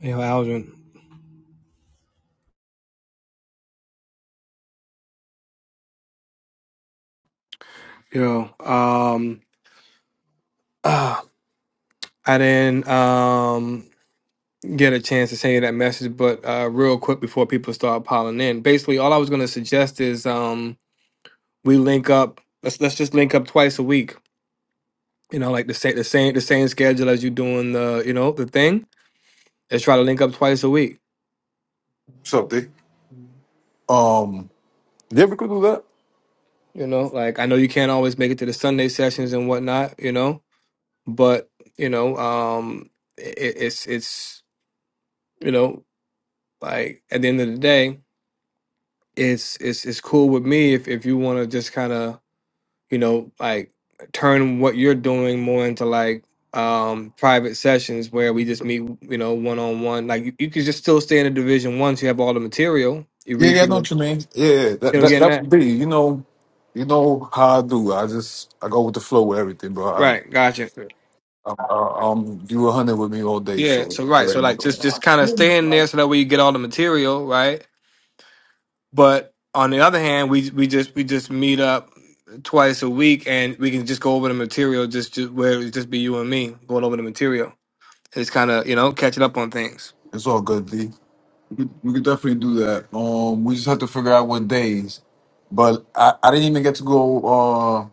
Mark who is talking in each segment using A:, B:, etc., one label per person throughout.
A: Yo, Alvin. Yo, um, ah, I didn't um get a chance to send you that message, but uh, real quick before people start piling in, basically all I was gonna suggest is um we link up. Let's let's just link up twice a week. You know, like the same the same the same schedule as you doing the you know the thing. Let's try to link up twice a week.
B: something. Um, you ever could do that?
A: You know, like I know you can't always make it to the Sunday sessions and whatnot. You know, but you know, um, it, it's it's you know like at the end of the day. it's it's it's cool with me if if you want to just kind of you know like turn what you're doing more into like um private sessions where we just meet you know one on one like you, you could just still stay in the division once you have all the material you
B: Yeah,
A: read
B: yeah, I
A: through
B: know
A: the
B: what you mean. Yeah, yeah,
A: you
B: that
A: know
B: that
A: getting
B: that
A: that
B: would be. You know, you know how I do. I just I go with the flow with everything, bro. I'm
A: right gotcha
B: I'm, I'm you a hundred with me all day,
A: yeah
B: so you
A: so right so
B: already
A: like just just
B: know.
A: kind of stay in there so that way you get all the material right but on the other hand we we just we just meet up twice a week and we can just go over the material just, just where it just be you and me going over the material It's kind of you know catching up on things.
B: It's all good, D. We could, we could definitely do that. Um, we just have to figure out what days. But I, I didn't even get to go uh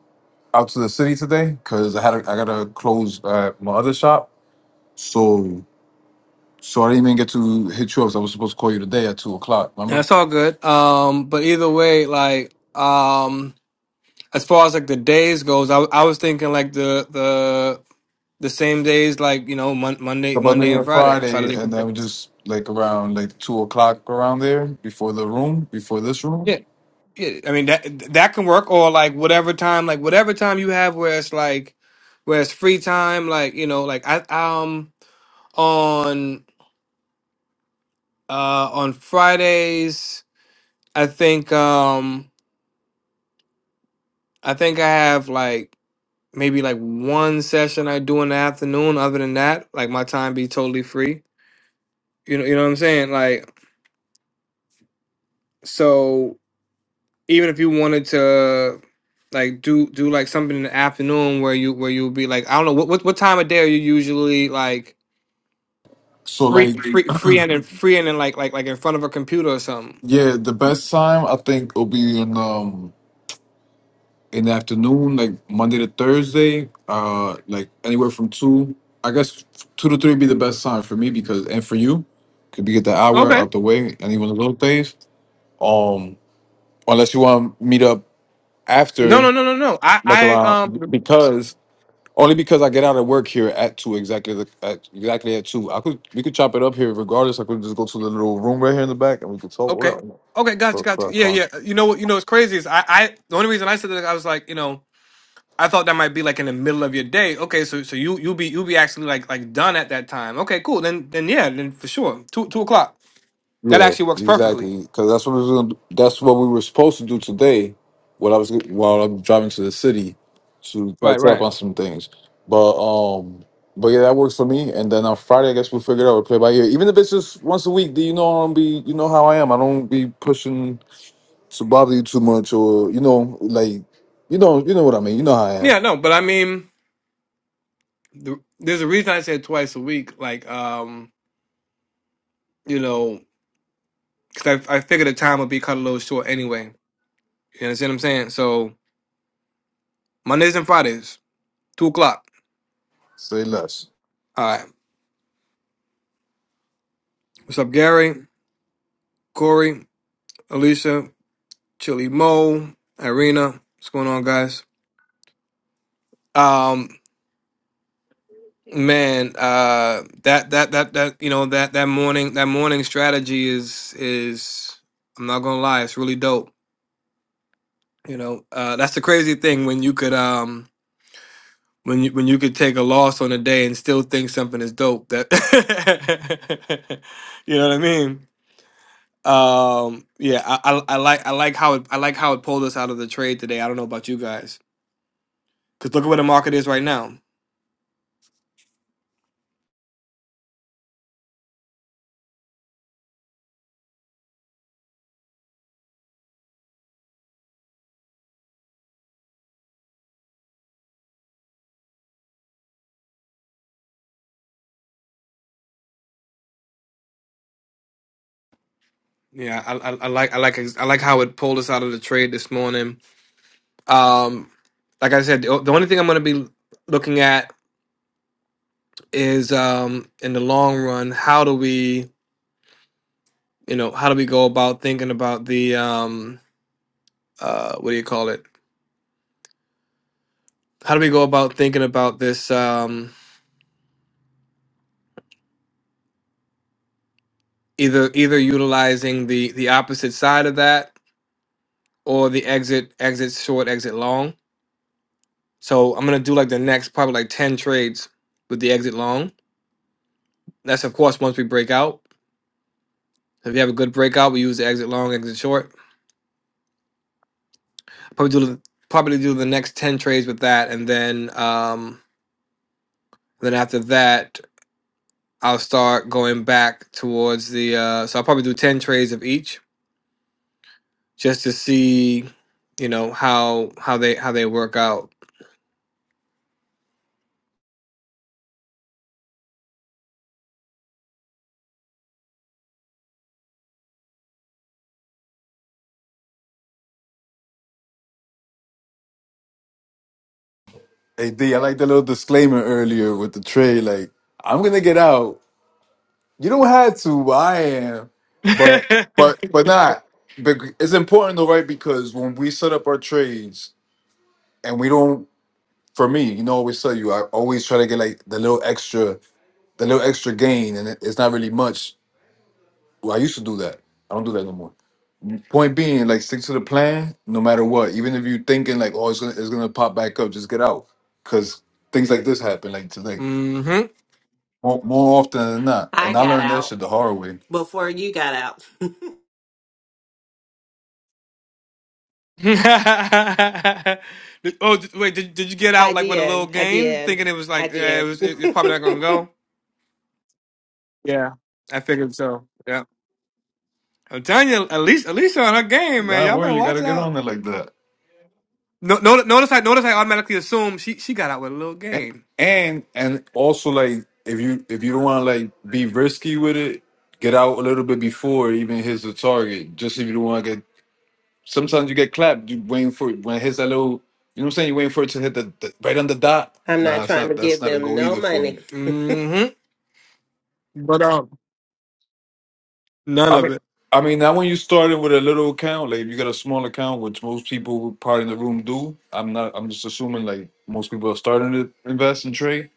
B: out to the city today because I had a, I gotta close uh, my other shop. So so I didn't even get to hit you up. I was supposed to call you today at two o'clock.
A: Yeah,
B: Remember?
A: it's all good. Um, but either way, like um, as far as like the days goes, I, I was thinking like the the the same days, like you know mon- Monday
B: about New
A: Monday and
B: Year
A: Friday. Try to
B: Friday,
A: link
B: and
A: with
B: then
A: them.
B: we just like around like two o'clock around there before the room, before this room.
A: Yeah, yeah. I mean that that can work, or like whatever time, like whatever time you have where it's like where it's free time, like you know, like I um on uh on Fridays, I think um I think I have like. maybe like one session I do in the afternoon. Other than that, like my time be totally free. You know, you know what I'm saying? Like, so even if you wanted to like do do like something in the afternoon where you where you'll be like I don't know what what, what time of day are you usually like
B: So
A: free
B: like
A: free free and then free and then like like like in front of a computer or something.
B: yeah, the best time I think will be in um in the afternoon, like Monday to Thursday, uh like anywhere from two. I guess two to three be the best time for me because and for you, could be get the hour
A: Okay.
B: out the way any one of those days. Um, unless you want to meet up
A: No no
B: after
A: no no no. I
B: like
A: I
B: around
A: um
B: because Only because I get out of work here at two exactly the, at exactly at two. I could we could chop it up here regardless. I could just go to the little room right here in the back and we could talk
A: okay.
B: whatever.
A: Okay, gotcha,
B: So so
A: gotcha.
B: that's
A: Yeah,
B: fine.
A: yeah. You know what? You know what's crazy is I, I. The only reason I said that I was like, you know, I thought that might be like in the middle of your day. Okay, so so you you'll be you'll be actually like like done at that time. Okay, cool. Then then yeah, then for sure two two o'clock. That
B: Yeah,
A: actually works perfectly.
B: exactly. Because that's what we was gonna, that's what we were supposed to do today. While I was while I'm driving to the city to
A: Right,
B: catch up
A: right.
B: on some things. But um, but yeah, that works for me. And then on Friday, I guess we'll figure it out. We'll play by ear. Even if it's just once a week, do you know I'm be you know how I am. I don't be pushing to bother you too much or you know like you know you know what i mean you know how i am
A: Yeah, no, but I mean, the, there's a reason I said twice a week. Like, um, you know, because I I figured the time would be cut a little short anyway. You understand what I'm saying? So Mondays and Fridays, two o'clock.
B: say less
A: All right. What's up, Gary, Corey, Alicia, Chili Mo, Irina? What's going on, guys? Um. Man, uh, that that that that you know that that morning that morning strategy is is I'm not gonna lie, it's really dope. You know, uh, that's the crazy thing when you could um when you when you could take a loss on a day and still think something is dope. That you know what I mean? Um, yeah, I, I I like I like how it I like how it pulled us out of the trade today. I don't know about you guys, because look at where the market is right now. Yeah, I, I I like I like I like how it pulled us out of the trade this morning Um, like I said, the the only thing I'm going to be looking at is um, in the long run, how do we, you know, how do we go about thinking about the, um, uh, what do you call it? How do we go about thinking about this? Um, either either utilizing the the opposite side of that or the exit exit short exit long. So I'm gonna do like the next probably like ten trades with the exit long. That's of course once we break out. If you have a good breakout, we use the exit long, exit short Probably do probably do the next ten trades with that, and then um, then after that, I'll start going back towards the. Uh, so I'll probably do ten trades of each, just to see, you know how how they how they work out.
B: hey d i like that little disclaimer earlier with the tray like i'm gonna get out you don't have to but i am but but but not but it's important though right because when we set up our trades and we don't for me you know I always tell you i always try to get like the little extra the little extra gain and it- it's not really much well i used to do that i don't do that no more Point being, like stick to the plan, no matter what. Even if you're thinking like, oh, it's gonna it's gonna pop back up, just get out, because things like this happen like today
A: hmm
B: more, more often than not.
C: I
B: And I
C: got
B: learned that
C: out
B: shit the hard way.
C: before you got out.
A: Did- oh did- wait, did, did you get
C: I
A: out like with a little
C: did. I
A: gain,
C: did.
A: thinking it was
C: I
A: like eh, it
C: did.
A: was it, it's probably not gonna go? Yeah, I figured so. Yeah, I'm telling you, Elise, Elise on her game, man.
B: Not
A: Y'all better
B: worry, you
A: watch
B: gotta get
A: out.
B: on it like that.
A: No, no, notice I notice I automatically assume she she got out with a little
B: And
A: game.
B: and, and also like if you if you don't want to like be risky with it, get out a little bit before it even hits the target. Just if you don't want to get. Sometimes you get clapped. You waiting for it when it hits that little. You know what I'm saying? You are waiting for it to hit the, the right on the dot.
C: I'm not
B: Nah, it's
C: trying to
B: not. That's
C: give
B: not a
C: them
B: go
C: no
B: either for
C: money.
B: me.
A: hmm But um, none
B: I
A: of
B: mean,
A: it.
B: I mean, now when you started with a little account, like if you got a small account, which most people probably in the room do, I'm not. I'm just assuming like most people are starting to invest and trade.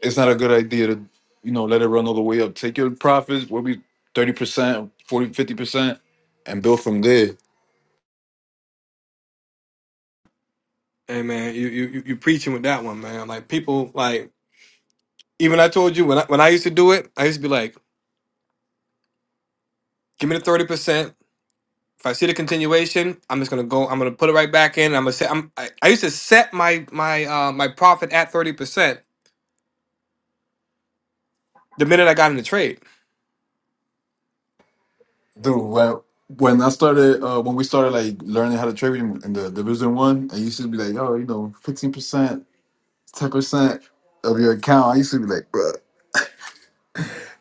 B: It's not a good idea to, you know, let it run all the way up. Take your profits, what be thirty percent, 40, 50 percent, and build from there.
A: Hey man, you you you you preaching with that one, man. Like people, like even I told you when I when I used to do it, I used to be like, give me the thirty percent. If I see the continuation, I'm just gonna go. I'm gonna put it right back in. I'm gonna set. I'm, I, I used to set my my uh my profit at thirty percent the minute I got in the trade.
B: Dude, when when I started, uh, when we started like learning how to trade in in the Division One, I used to be like, oh, you know, fifteen percent, ten percent of your account. I used to be like, bruh.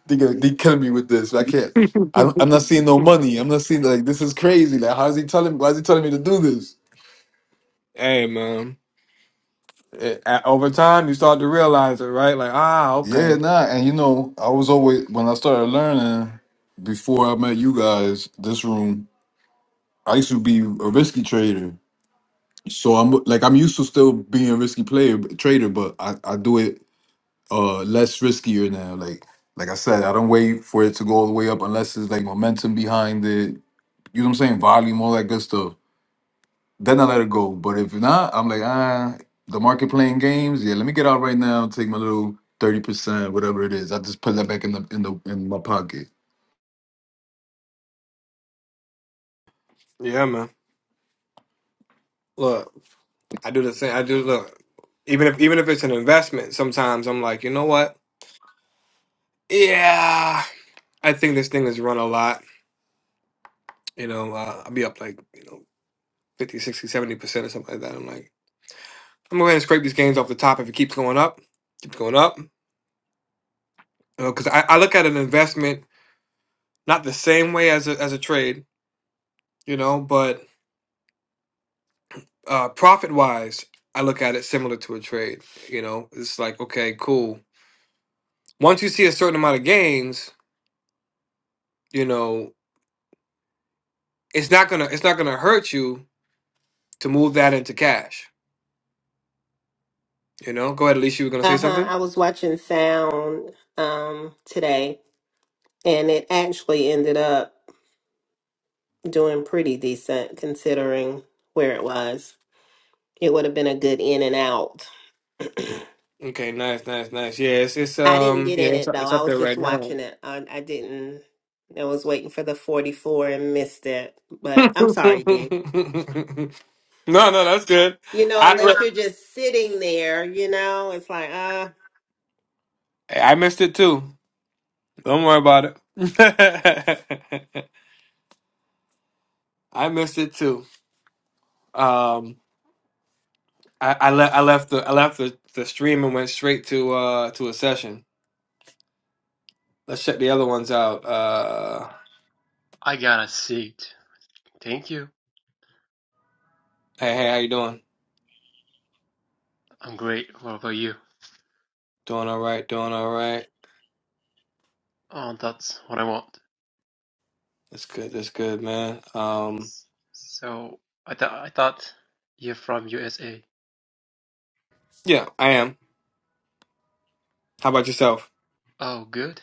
B: They gonna they killing me with this. I can't. I don't, I'm not seeing no money. I'm not seeing like this is crazy. Like how is he telling? Why is he telling me to do this?
A: Hey man, it, at, over time you start to realize it, right? Like ah,
B: Yeah,
A: okay,
B: nah. And you know, I was always when I started learning before I met you guys. This room, I used to be a risky trader. So I'm like I'm used to still being a risky player trader, but I, I do it uh less riskier now. Like like I said, I don't wait for it to go all the way up unless there's like momentum behind it. You know what I'm saying? Volume, all that good stuff Then I let it go. But if not, I'm like, ah, the market playing games. Yeah, let me get out right now. Take my little thirty percent, whatever it is. I just put that back in the in the in my pocket.
A: yeah, man. Look. I do the same. I do look. Even if even if it's an investment, sometimes I'm like, you know what? Yeah, I think this thing has run a lot. You know, uh, I'll be up like you know 50, 60, 70 percent or something like that. I'm like, I'm going to scrape these gains off the top if it keeps going up, keeps going up. You know, because I, I look at an investment not the same way as a as a trade. You know, but uh, profit wise, I look at it similar to a trade. You know, it's like okay, cool. Once you see a certain amount of gains, you know. it's not gonna it's not gonna hurt you to move that into cash. You know, go ahead. Alicia, you were gonna
C: Uh
A: say
C: huh.
A: something.
C: I was watching Sound um today, and it actually ended up doing pretty decent considering where it was. It would have been a good in and out.
A: Okay, nice, nice, nice. Yeah, it's, it's
C: I didn't
A: um,
C: get
A: yeah,
C: in
A: it's,
C: it
A: up-
C: though.
A: it's
C: I
A: up
C: was
A: there
C: just
A: right now.
C: watching it. I, I didn't. I was waiting for the 44 and missed it.
A: no,
C: But I'm sorry, D.
A: no, that's good.
C: You know,
A: I
C: unless you're just sitting there, you know, it's like, uh,
A: I missed it too. Don't worry about it. I missed it too. Um, I I, le- I left the I left the, the stream and went straight to uh to a session. Let's check the other ones out. Uh,
D: I got a seat. Thank you.
A: hey, hey, how you doing?
D: I'm great. What about you?
A: Doing all right. Doing all right.
D: Oh, that's what I want.
A: That's good. That's good, man. Um,
D: S- So, I thought I thought you're from USA.
A: yeah, I am. How about yourself?
D: Oh, good.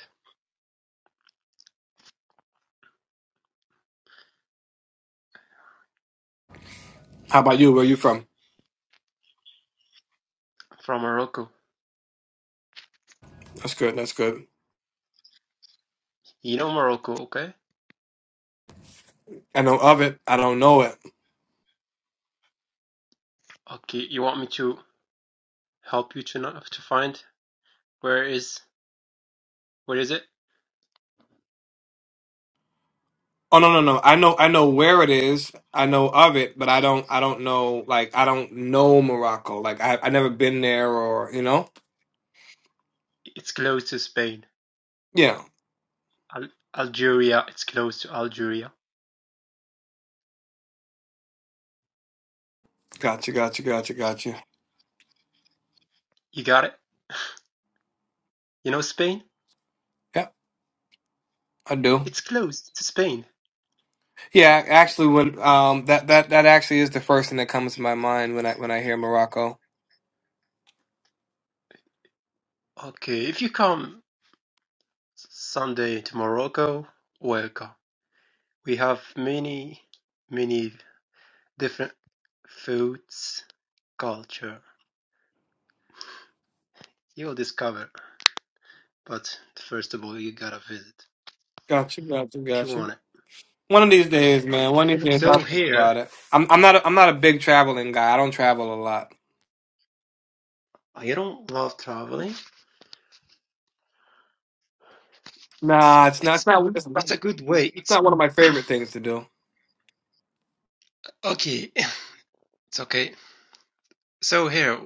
A: How about you? Where you from?
D: From Morocco.
A: That's good. That's good.
D: You know Morocco, okay?
A: I know of it. I don't know it.
D: Okay, you want me to help you to not, to find where is where is it?
A: Oh no, no, no. I know. I know where it is. I know of it, but I don't. I don't know. Like I don't know Morocco. Like I, I never been there, or you know.
D: It's close to Spain.
A: Yeah.
D: Al- Algeria, it's close to Algeria.
A: Gotcha. Gotcha. Gotcha. Gotcha.
D: You got it? You know Spain?
A: Yeah, I do.
D: It's close to Spain.
A: Yeah, actually, when um that that that actually is the first thing that comes to my mind when I when I hear Morocco.
D: Okay, if you come Sunday to Morocco, welcome. We have many, many different foods, culture you'll discover. But first of all, you gotta visit
A: Gotcha, gotcha,
D: if you
A: gotcha.
D: want it.
A: One of these days, man.
D: Okay.
A: One of these days,
D: So
A: I'll think
D: here,
A: about it. I'm, I'm not. A, I'm not a big traveling guy. I don't travel a lot.
D: I don't love traveling. It's
A: Nah, it's not. It's
D: it's
A: not. It's not,
D: it's a
A: it's
D: good way. It's
A: not one of my favorite things to do.
D: okay. It's okay. So here,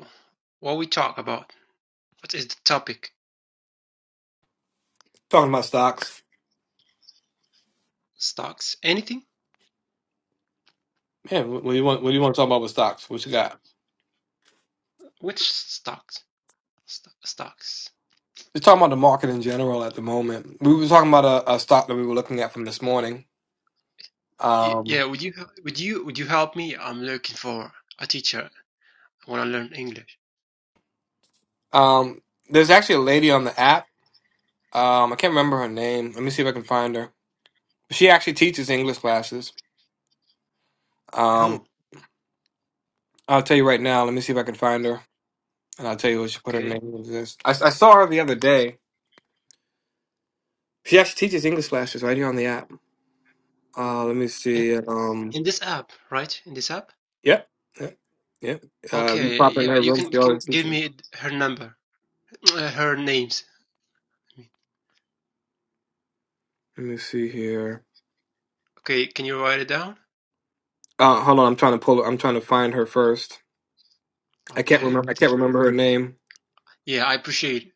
D: what we talk about? What is the topic?
A: Talking about stocks,
D: Stocks? Anything?
A: man. What what do you want? What do you want to talk about with stocks? What you got?
D: Which stocks? Sto- stocks.
A: Just talking about the market in general at the moment. We were talking about a, a stock that we were looking at from this morning.
D: Yeah.
A: Um,
D: Would you would you would you help me? I'm looking for a teacher. I wanna learn English.
A: um, there's actually a lady on the app. Um, I can't remember her name. Let me see if I can find her. She actually teaches English classes. Um,
D: Oh,
A: I'll tell you right now. Let me see if I can find her. And I'll tell you what she put her
D: okay.
A: name into this. I, I saw her the other day. She actually teaches English classes right here on the app. Uh, let me
D: In,
A: see. Um,
D: in this app, right? In this app?
A: yep, yep, yep. Uh, if you
D: Okay,
A: pop in
D: yeah,
A: her
D: you
A: room,
D: can
A: she
D: you can
A: always
D: give
A: teaching.
D: me her number, uh, her names.
A: Let me see here.
D: Okay, can you write it down?
A: Uh, hold on, I'm trying to pull. I'm trying to find her first. I can't
D: Okay,
A: remember. I can't
D: take your.
A: remember her name.
D: Yeah, I appreciate it.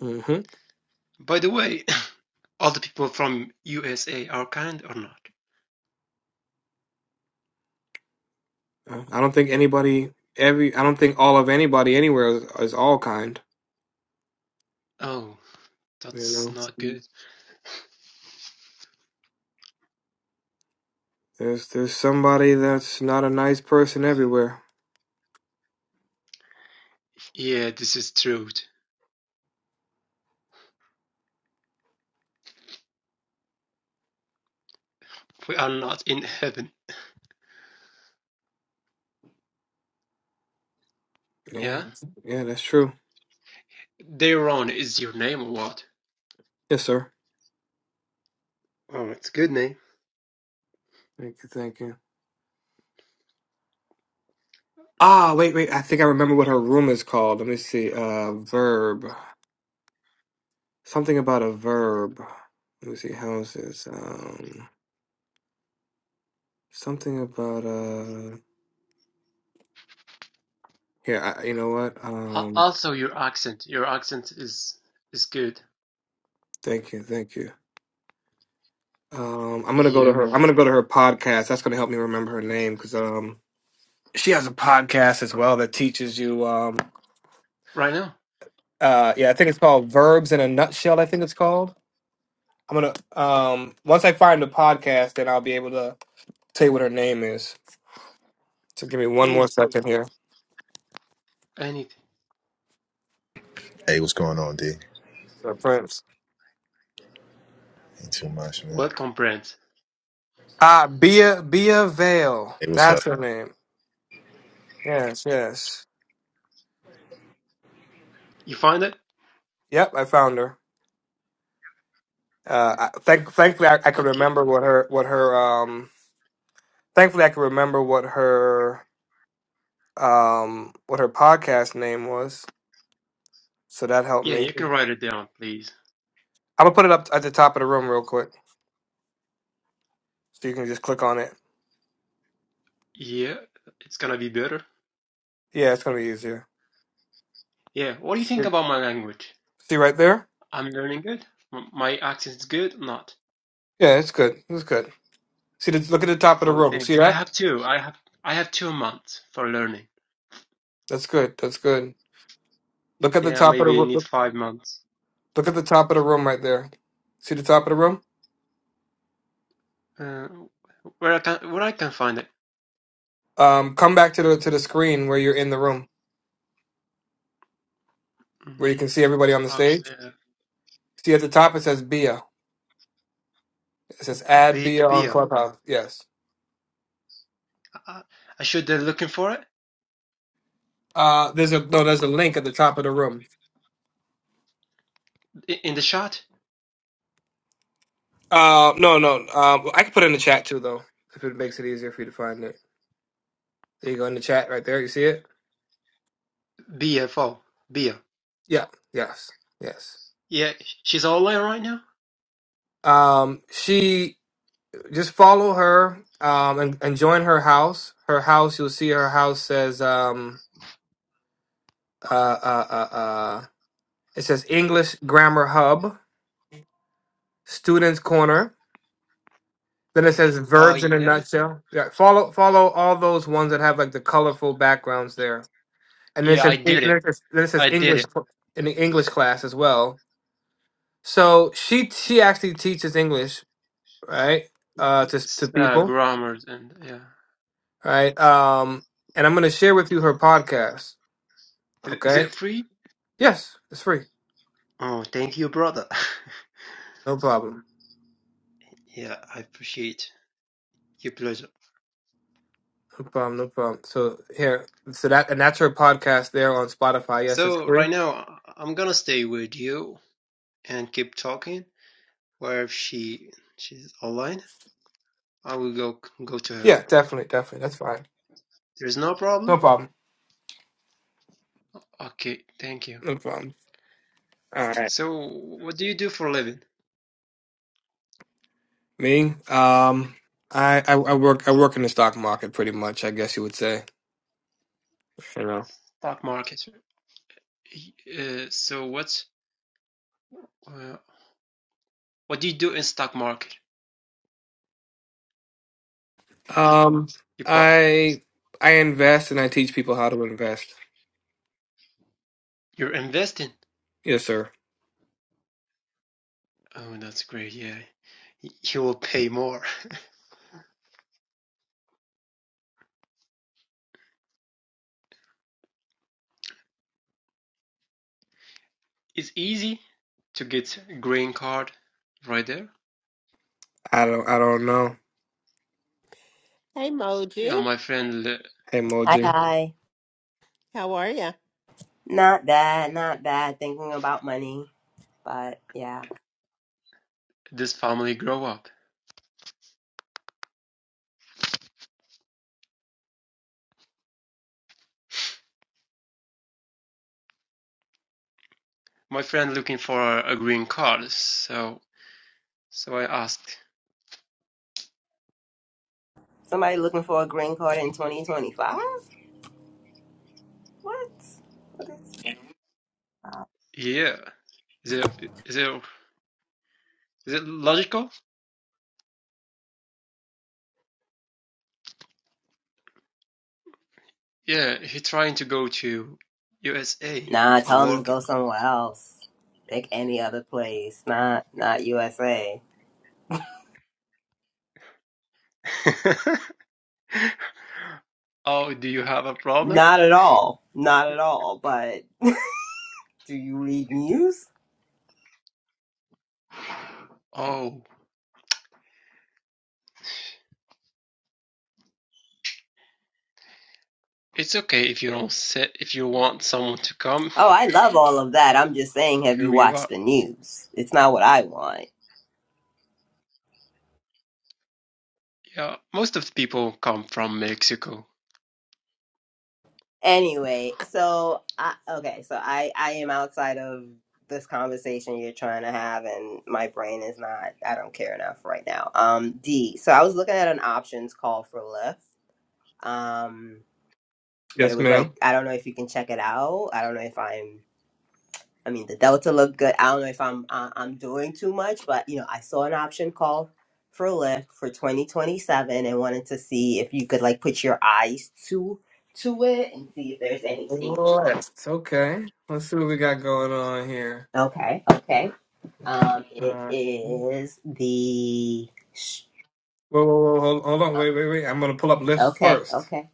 A: hmm
D: By the way, all the people from USA are kind or not?
A: I don't think anybody. Every. I don't think all of anybody anywhere is, is all kind.
D: Oh,
A: You
D: that's
A: know,
D: not good.
A: there's there's somebody that's not a nice person everywhere.
D: Yeah, this is truth. We are not in heaven.
A: Yeah,
D: Yeah?
A: yeah, that's true.
D: Daron is your name or what?
A: Yes, sir.
D: Oh, it's a good name.
A: Thank you, thank you. Ah, wait, wait. I think I remember what her room is called. Let me see. Uh, verb. Something about a verb. Let me see. Houses. Um, something about uh. Here, I, you know what?
D: Al-
A: Um,
D: Also, your accent. Your accent is is good.
A: thank you, thank you. Um, I'm gonna go to
D: Yeah.
A: her. I'm gonna go to her podcast. That's gonna help me remember her name because um, she has a podcast as well that teaches you um.
D: Right now?
A: Uh, yeah, I think it's called Verbs in a Nutshell. I think it's called. I'm gonna um. Once I find the podcast, then I'll be able to tell you what her name is. So give me one more
D: Anything.
A: second here.
D: Anything.
E: Hey, what's going on, D?
A: So Prince.
E: Ain't too much, man.
D: What comprehends?
A: Ah, Bia Bia Vale.
E: Hey, what's up?
A: That's her name. Yes, yes.
D: You find it?
A: Yep, I found her. Uh, I, thank, thankfully, I, I could
D: Okay.
A: remember what her what her um. Thankfully, I could remember what her um what her podcast name was. So that helped
D: Yeah,
A: me.
D: you can write it down, please.
A: I'm gonna put it up at the top of the room real quick, so you can just click on it.
D: Yeah, it's gonna be better.
A: Yeah, it's gonna be easier.
D: Yeah, what do you think
A: Good.
D: about my language?
A: See right there?
D: I'm learning good. M- My accent's good? Not.
A: Yeah, it's good. It's good. See, the, look at the top of the
D: Oh,
A: room.
D: thanks.
A: See
D: I
A: that?
D: have two. I have I have two months for learning.
A: That's good. That's good. Look at the
D: Yeah,
A: top of the
D: maybe you
A: room.
D: need
A: Look
D: five months.
A: look at the top of the room right there. See the top of the room?
D: Uh, where I can where I can find it?
A: Um, come back to the to the screen where you're in the room, where you
D: Mm,
A: can see everybody on the stage.
D: actually, uh,
A: See at the top it says Bia. It says add
D: B
A: Bia on
D: beer.
A: Clubhouse. Yes.
D: I, I should be looking for it
A: Uh, there's a no. There's a link at the top of the room.
D: I- in the shot.
A: Uh, no, no. Um, I can put it in the chat too, though, if it makes it easier for you to find it. There you go in the chat right there. You see it?
D: BFO beer.
A: Yeah. Yes. Yes.
D: Yeah, she's online right now?
A: Um, she. just follow her um and, and join her house her house you'll see her house says um uh uh uh, uh it says english grammar hub students corner then it says
D: Oh,
A: verbs in a
D: yeah?
A: nutshell yeah follow follow all those ones that have like the colorful backgrounds there and then it
D: Yeah, I
A: says, then
D: did it.
A: it says, then it says
D: I did
A: english
D: it.
A: in the english class as well so she she actually teaches english right uh to, to
D: S- Uh,
A: people
D: grammars and yeah.
A: right um and i'm going to share with you her podcast
D: Is, is
A: okay
D: it free?
A: Yes, it's free.
D: Oh, thank you, brother.
A: No problem.
D: yeah, I appreciate your pleasure.
A: No problem. No problem. So here, so that and that's her podcast there on Spotify. Yes, it's
D: So,
A: free.
D: right now, I- I'm gonna stay with you and keep talking. Where if she she's online, I will go go to her.
A: Yeah, definitely, definitely. That's fine.
D: There's no
A: No
D: problem?
A: problem.
D: Okay, thank you.
A: No problem. All right.
D: So, what do you do for a living?
A: Me, um, I, I I work I work in the stock market pretty much. I guess you would say. You know.
D: Stock market. Y- Uh, so, what's uh, what do you do in stock market?
A: Um,
D: You bought.
A: I I invest and I teach people how to invest.
D: You're investing.
A: Yes, sir.
D: Oh, that's great. Yeah, he will pay more. It's easy to get green card right there.
A: I don't I don't know.
C: hey,
D: Yeah,
C: Moji,
D: my friend, uh,
A: Hey,
F: Hi,
A: Moji.
F: hi.
C: how are you?
F: Not bad, not bad. Thinking about money, but yeah.
D: this family grow up. My friend looking for a green card, so so I asked,
F: Somebody looking for a green card in 2025? What? What is-
D: yeah, is it is it is it logical? Yeah, he trying to go to USA
F: Nah,
D: for
F: tell them to
D: working.
F: go somewhere else. Pick any other place. Not, not USA.
D: oh, do you have a problem?
F: Not at all. Not at all. But do you read news?
D: Oh, It's okay if you don't sit, if you want someone to come,
F: Oh, I love all of that. I'm just saying, have you
D: here you are.
F: watched the news? It's not what I want.
D: Yeah, most of the people come from Mexico.
F: anyway so I, okay so i i am outside of this conversation you're trying to have and my brain is not i don't care enough right now um d so i was looking at an options call for lyft um but it
A: Yes,
F: was like
A: ma'am.
F: i don't know if you can check it out i don't know if i'm i mean the delta looked good i don't know if i'm uh, i'm doing too much but you know i saw an option call for lyft for 2027 and wanted to see if you could like put your eyes to to it and see if there's anything
A: Yes. Okay. Let's see what we got going on here.
F: Okay, okay. Um, it
A: Uh, whoa,
F: is the. sh-
A: whoa, whoa, hold, hold on, wait, wait, wait. I'm gonna pull up lists
F: Okay,
A: first.
F: okay.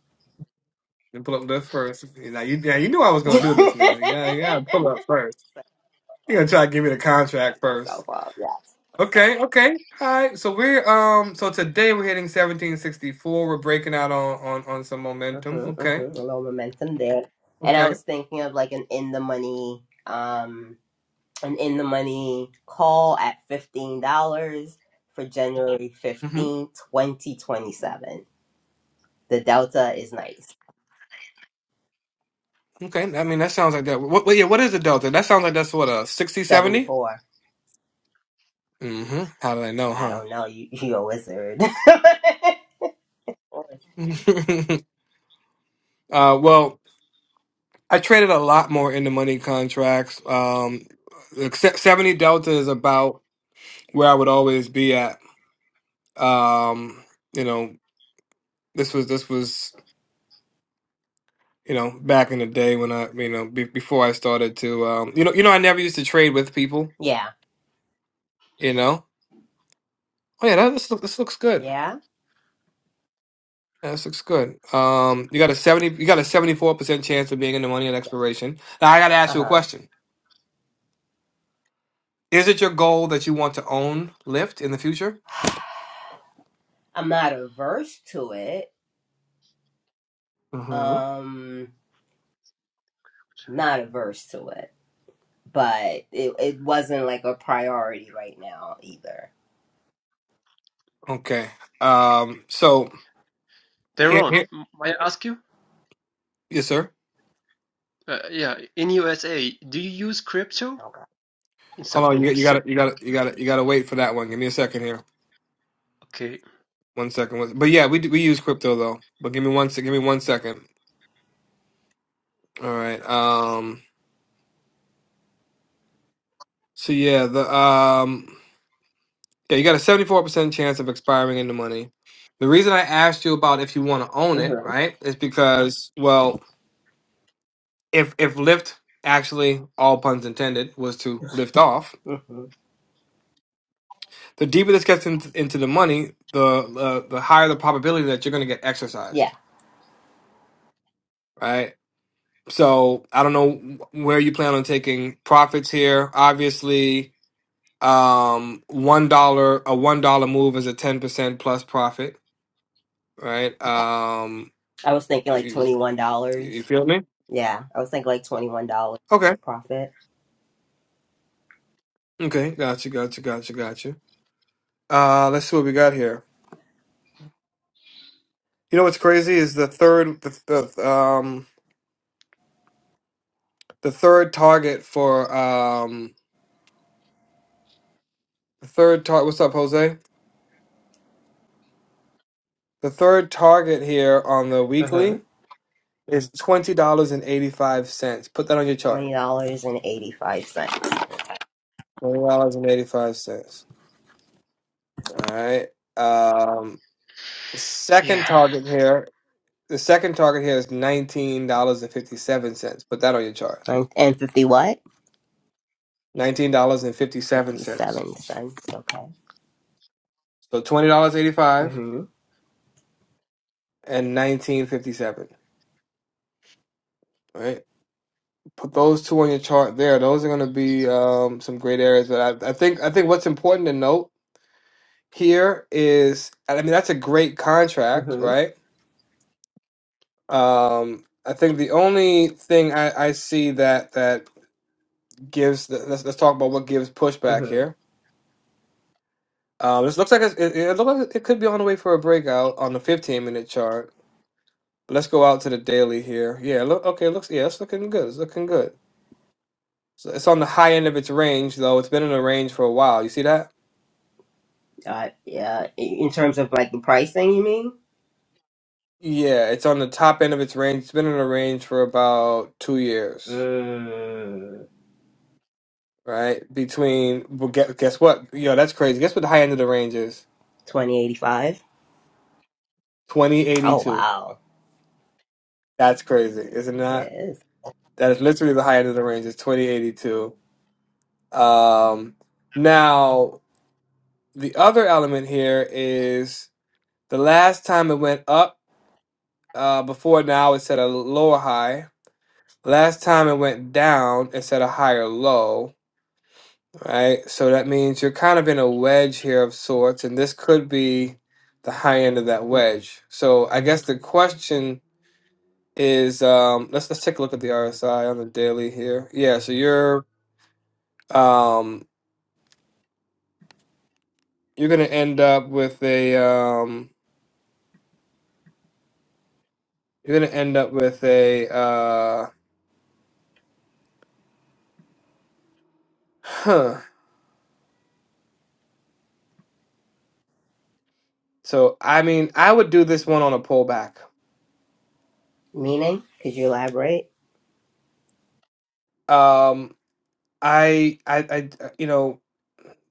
A: Then pull up lists first. Now you, now you knew I was gonna
F: Set
A: do this. Now you gotta, you gotta pull up first. You gonna try to give me the contract first?
F: myself up. Yeah.
A: Okay, okay, all right. So we're um, so today we're hitting 1764. We're breaking out on on on some momentum.
F: Mhm, mhm.
A: Okay,
F: A little momentum there, and I
A: okay,
F: was thinking of like an in the money, um, an in the money call at fifteen dollars for January
A: hmm
F: fifteenth, twenty twenty twenty seven. The delta is nice,
A: okay. I mean, that sounds like that. What, what, yeah, what is the delta? That sounds like that's what a 60
F: seventy
A: 70.
F: four.
A: Mm-hmm. How did I know,
F: I don't
A: huh?
F: know. You you a wizard?
A: uh, well. I traded a lot more in the money contracts. Um, except 70 Delta is about where I would always be at. Um, you know, this was this was you know back in the day when I you know be, before I started to um, you know you know I never used to trade with people.
F: yeah,
A: You know, oh yeah, that, this look, this looks good.
F: yeah.
A: Yeah, this looks good. Um, you got a 70 you got a 74 percent chance of being in the money at expiration. Now I got to
F: Uh
A: ask you a
F: huh.
A: question. Is it your goal that you want to own Lyft in the future?
F: I'm not averse to it. Um, not averse to it, but it it wasn't like a priority right now either.
A: Okay. Um. So here,
D: Deron,
A: here,
D: m- may I ask you?
A: yes, sir.
D: Uh, yeah, in USA, do you use crypto? In
A: Hold on. You got, you
D: supplements?
A: got you got to, you got to, you got to wait for that one. Give me a second here.
D: Okay.
A: One second. One- But yeah, we do- we use crypto though. But give me one sec. Give me one second. All right. Um. So yeah, the um. Yeah, you got a seventy four percent chance of expiring in the money. The reason I asked you about if you want to own it,
F: Okay.
A: right, is because well, if if Lyft actually, all puns intended, was to lift off,
F: hmm hmm
A: The deeper this gets into, into the money, the uh, the higher the probability that you're going to get
F: Yeah,
A: exercised, right? So I don't know where you plan on taking profits here. Obviously, um, one dollar a one dollar move is a ten percent plus profit, right? Um,
F: I was thinking like
A: you,
F: twenty one
A: you
F: dollars.
A: feel me?
F: Yeah, I was thinking like twenty one dollars
A: Okay,
F: big profit.
A: okay, gotcha, gotcha, gotcha, gotcha. Uh, let's see what we got here. You know what's crazy is the third the, the um the third target for um the third target. What's up, Jose? The third target here on the
F: Mm-hmm.
A: weekly is twenty dollars and eighty five cents. Put that on your chart.
F: Twenty dollars and eighty five cents
A: Twenty dollars and eighty five cents. All right. Um, the second
D: Yeah.
A: target here. The second target here is nineteen dollars and fifty seven cents. Put that on your chart.
F: and, and fifty what?
A: Nineteen dollars and fifty seven
F: Fifty
A: cents.
F: seven cents. Okay.
A: So twenty dollars eighty five
F: hmm
A: and nineteen fifty seven. Right. Put those two on your chart there. Those are going to be um, some great areas. But I, I think I think what's important to note here is I mean that's a great contract,
F: hmm
A: right? Um, I think the only thing I, I see that that gives let's, let's talk about what gives pushback
F: hmm
A: here. Um, this looks like it's, it, it looks like it could be on the way for a breakout on the 15 minute chart. But Let's go out to the daily here. Yeah, look okay, looks yeah, it's looking good. It's looking good. So it's on the high end of its range though. It's been in a range for a while. You see that?
F: Uh, yeah. In terms of like the pricing, you mean?
A: Yeah, it's on the top end of its range. It's been in a range for about two years.
F: Mm.
A: right? Between well, guess, guess what? Yo, that's crazy. Guess what the high end of the range is?
F: 2085.
A: Twenty eighty
F: Oh,
A: two.
F: wow.
A: That's crazy, is it
F: It
A: not?
F: is.
A: That is literally the high end of the range is twenty eighty two. Um, now the other element here is the last time it went up. Uh, before now, it set a lower high. Last time it went down, it set a higher low. right? So that means you're kind of in a wedge here of sorts, and this could be the high end of that wedge. So I guess the question is, um, let's let's take a look at the RSI on the daily here. Yeah, so you're um, you're gonna end up with a um, you're gonna end up with a uh, huh. So I mean, I would do this one on a pullback.
F: Meaning? Could you elaborate?
A: Um, I I I you know,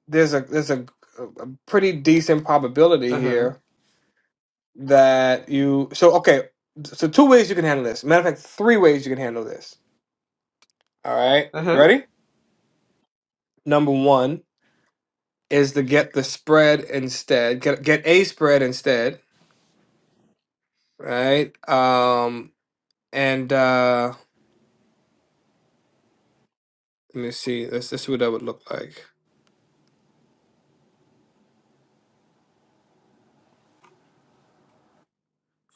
A: there's a there's a, a pretty decent probability
F: Uh huh.
A: here that you so okay so two ways you can handle this matter of fact three ways you can handle this all right
F: Uh
A: you
F: huh.
A: ready number one is to get the spread instead get, get a spread instead right um and uh let me see let's, let's see what that would look like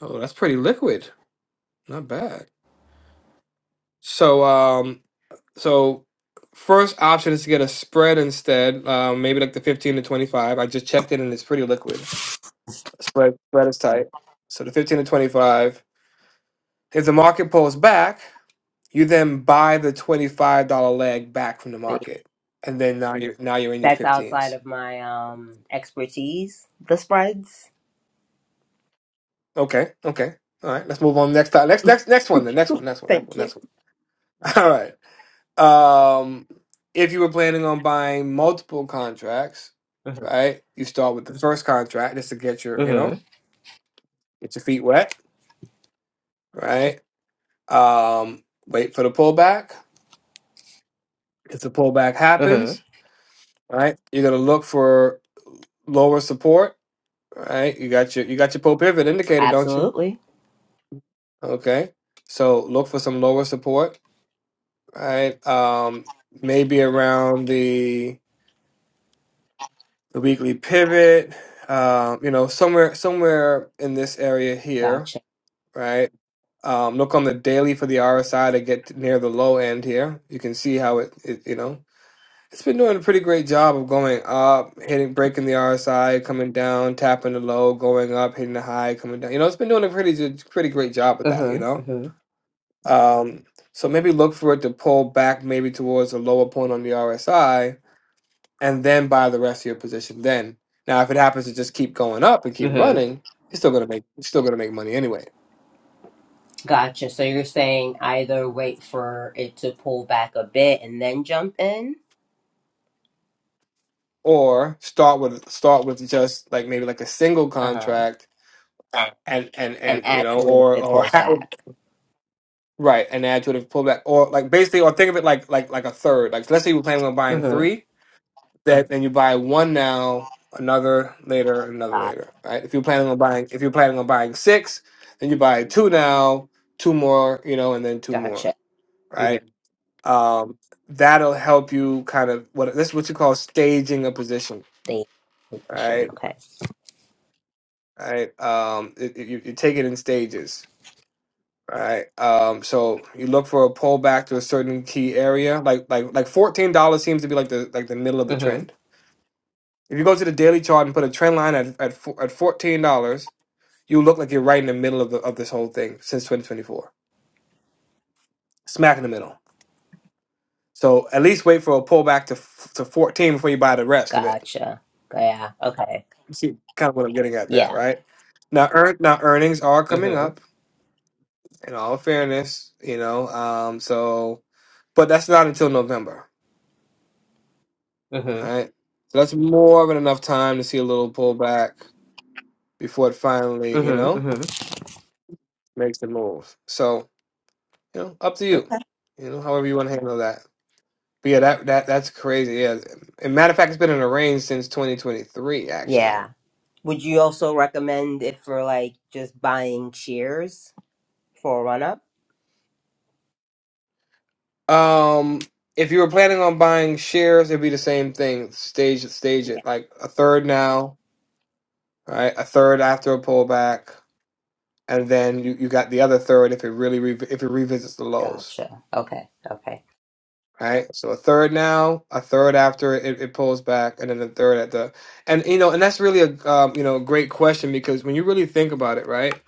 A: oh that's pretty liquid not bad so um so first option is to get a spread instead um maybe like the 15 to 25 i just checked it and it's pretty liquid Spread spread is tight. So the fifteen to twenty five. If the market pulls back, you then buy the twenty five dollar leg back from the
F: See,
A: market, and then now you're now you're in your
F: that's outside
A: fifteens.
F: of my um expertise, the spreads.
A: Okay, okay, all right. Let's move on next time. Next next next one. The next one. Next one. Next
F: Thank
A: one.
F: you.
A: Next one. All right. Um, if you were planning on buying multiple contracts,
F: Uh huh.
A: right? You start with the first contract just to get your
F: Uh
A: you
F: huh.
A: know get your feet wet, right? Um, wait for the pullback. If the pullback
F: Uh huh.
A: happens, right? You're gonna look for lower support, right? You got your you got your pull pivot indicator, don't you?
F: Absolutely.
A: Okay, so look for some lower support, right? Um, maybe around the the weekly pivot, um, you know, somewhere somewhere in this area here,
F: Gotcha.
A: right? Um, look on the daily for the RSI to get near the low end here. You can see how it, it you know It's been doing a pretty great job of going up, hitting, breaking the RSI, coming down, tapping the low, going up, hitting the high, coming down. You know, it's been doing a pretty good- pretty great job of
F: Uh
A: that.
F: huh.
A: You
F: Uh
A: know,
F: huh.
A: um, so maybe look for it to pull back, maybe towards the lower point on the RSI, and then buy the rest of your position. Then now, if it happens to just keep going up and
F: Uh
A: keep
F: huh.
A: running, you're still gonna make you're still gonna make money anyway.
F: Gotcha. So you're saying either wait for it to pull back a bit and then jump in?
A: Or start with start with just like maybe like a single
F: Uh huh.
A: contract and and
F: And
A: and you
F: add
A: know
F: to it if
A: or
F: it
A: or
F: pulls
A: half,
F: back.
A: Right, and adds would have pulled or like basically, or think of it like like like a third. Like, let's say you were planning on
F: Uh
A: buying
F: huh.
A: three, that then you buy one now, another later, another
F: Ah,
A: later. Right? If you're planning on buying, if you're planning on buying six, then you buy two now, two more, you know, and then two more.
F: Gotcha. Uh huh.
A: Right? Um, that'll help you kind of what this is what you call staging a position.
F: Stay in position.
A: Right?
F: Okay.
A: Right? Um, it, it- you, you take it in stages All right. Um, so you look for a pullback to a certain key area, like like like fourteen dollars seems to be like the like the middle of the
F: Uh huh.
A: trend. If you go to the daily chart and put a trend line at at, four, at fourteen dollars, you look like you're right in the middle of the, of this whole thing since 2024, smack in the middle. So at least wait for a pullback to f- to fourteen before you buy the rest of it.
F: Gotcha. Yeah. Okay.
A: You See, kind of what I'm getting at there,
F: Yeah.
A: right? Now, earn now earnings are coming
F: Mhm.
A: up. In all fairness, you know, um, so but that's not until November. All
F: Mhm.
A: right. So that's more than enough time to see a little pullback before it finally, you
F: Mhm.
A: know,
F: Mhm.
A: makes the move. So, you know, up to you. You know, however you want to handle that. But yeah, that that that's crazy. Yeah. And matter of fact, it's been in a range since 2023, actually.
F: Yeah. Would you also recommend it for like just buying shares for a run up?
A: Um, if you were planning on buying shares, it'd be the same thing. Stage it, stage
F: Yeah.
A: it. Like a third now, all right? A third after a pullback, and then you, you got the other third if it really re- if it revisits the lows.
F: Gotcha. Okay. Okay.
A: right? So a third now, a third after it, it pulls back, and then a third at the and you know, and that's really a um, you know great question because when you really think about it, right?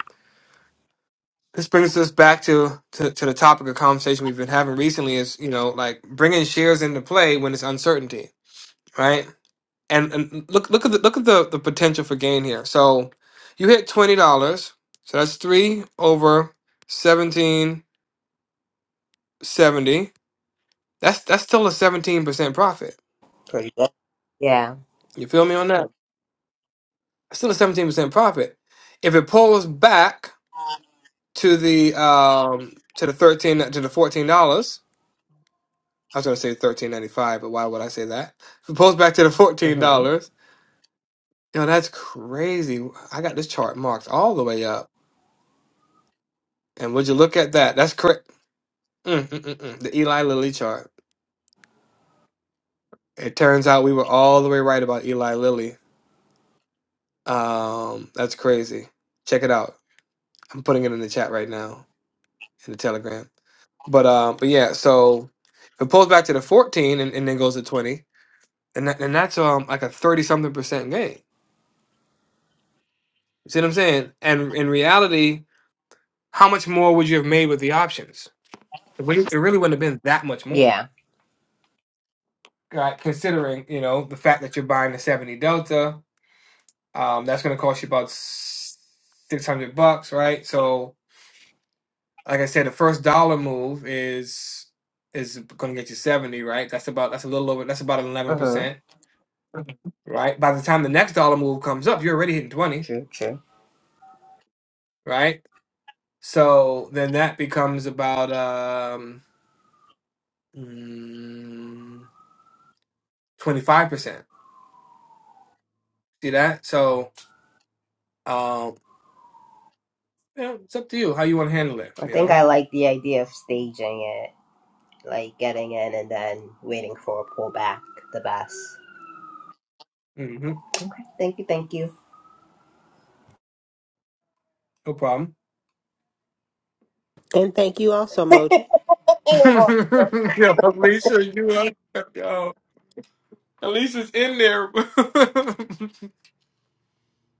A: This brings us back to, to to the topic of conversation we've been having recently is you know like bringing shares into play when it's uncertainty, right? And and look look at the look at the the potential for gain here. So you hit twenty dollars, so that's three over seventeen seventy. That's that's still a seventeen percent profit.
F: Pretty good. Yeah.
A: You feel me on that? still a seventeen percent profit. If it pulls back to the um to the thirteen to the fourteen dollars, I was gonna say thirteen ninety five, but why would I say that? If it pulls back to the fourteen
F: Mhm.
A: dollars, yo, that's crazy. I got this chart marked all the way up, and would you look at that? That's correct. Mm, mm, mm, mm. The Eli Lilly chart. It turns out we were all the way right about Eli Lilly. Um, that's crazy. Check it out. I'm putting it in the chat right now in the Telegram. But uh, but yeah, so if it pulls back to the 14 and, and then goes to 20, and that, and that's um like a 30 something percent gain. You see what I'm saying? And in reality, how much more would you have made with the options? It, wouldn't- it really wouldn't have been that much more,
F: Yeah.
A: right? Considering you know the fact that you're buying the 70 Delta, um, that's going to cost you about 600 bucks, right? So like I said, the first dollar move is is going to get you 70, right? That's about that's a little over that's about
F: Mhm.
A: 11%. right? By the time the next dollar move comes up, you're already hitting 20,
F: True. True.
A: right? So then that becomes about um, mm, 25%. See that? So um, yeah, it's up to you how you want to handle it,
F: I
A: you
F: think
A: know?
F: I like the idea of staging it, like getting in and then waiting for a pullback. The best.
A: hmm
F: Thank you. Thank you.
A: No problem.
C: And thank you also, Moji.
A: yo, Alicia, you up? Yo, Alicia's in there.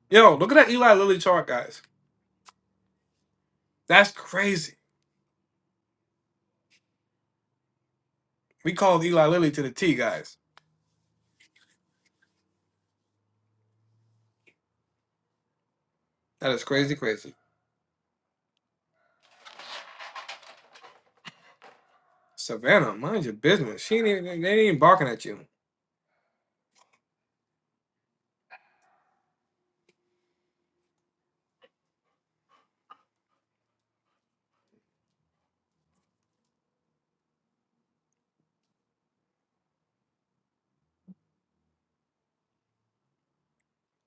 A: yo, look at that Eli Lilly chart, guys. That's crazy. We called Eli Lilly to the T, guys. That is crazy, crazy. Savannah, mind your business. She ain't even, they ain't even barking at you.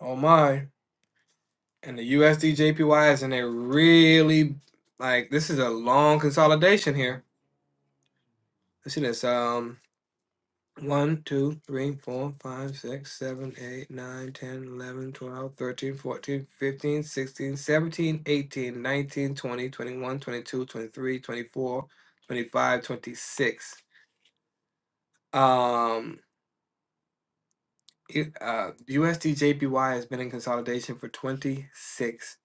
A: Oh my. And the USD JPY is in there really like this is a long consolidation here. Let's see this. Um one, two, three, four, five, six, seven, eight, nine, ten, eleven, twelve, thirteen, fourteen, fifteen, sixteen, seventeen, eighteen, nineteen, twenty, twenty-one, twenty-two, twenty-three, twenty-four, twenty-five, twenty-six. Um. U- uh, USD JPY has been in consolidation for 26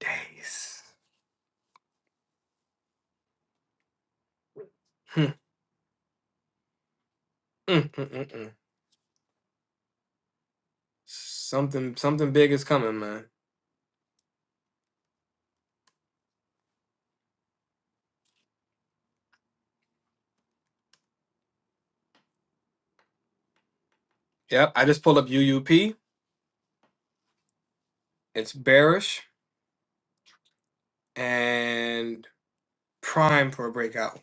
A: days. Hmm. Mm, mm, mm, mm. Something something big is coming, man. Yep, I just pulled up UUP. It's bearish and prime for a breakout.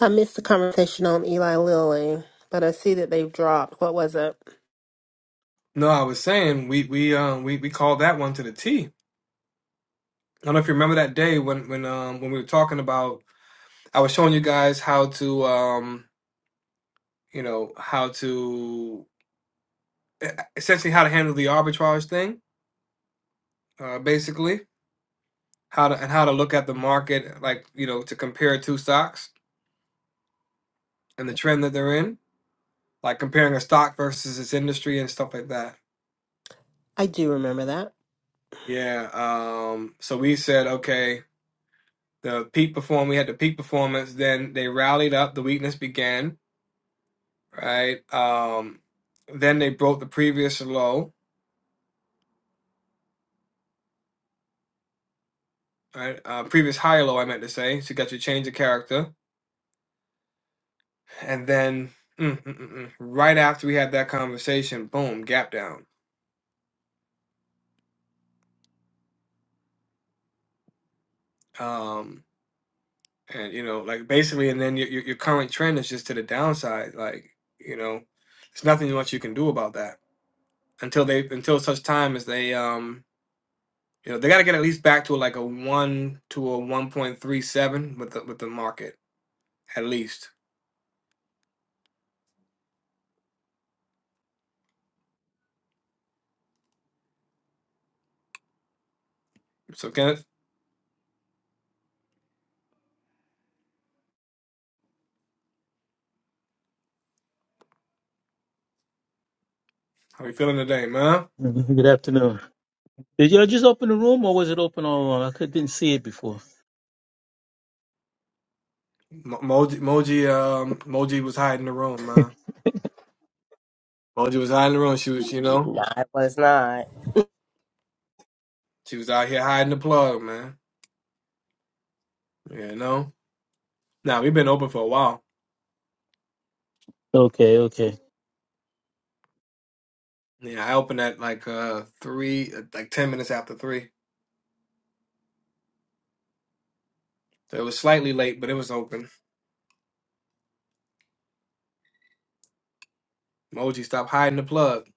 C: I missed the conversation on Eli Lilly, but I see that they've dropped. What was it?
A: No, I was saying we we um we, we called that one to the T. I don't know if you remember that day when when um when we were talking about I was showing you guys how to um you know how to e, essentially how to handle the arbitrage thing uh basically how to and how to look at the market, like you know, to compare two stocks and the trend that they're in, like comparing a stock versus its industry and stuff like that.
C: I do remember that.
A: Yeah. Um, so we said, okay, the peak perform, we had the peak performance. Then they rallied up. The weakness began, right? Um, then they broke the previous low, right? Uh, previous high low, I meant to say. So you got your change of character, and then mm, mm, mm, mm, right after we had that conversation, boom, gap down. Um, and you know like basically and then your, your your current trend is just to the downside like you know there's nothing much you can do about that until they until such time as they um you know they got to get at least back to like a 1 to a 1.37 with the with the market at least so Kenneth how you feeling today man
G: Mm-hmm. Good afternoon. Did y'all just open the room or was it open all along? I could, didn't see it before.
A: Mo- Moji Moji um Moji was hiding the room man Moji was hiding the room she was you know
F: No, I was not.
A: she was out here hiding the plug man Yeah, you know now we've been open for a while
G: Okay, okay.
A: Yeah, I opened at like uh three, uh, like ten minutes after three. So it was slightly late, but it was open. Moji, stop hiding the plug.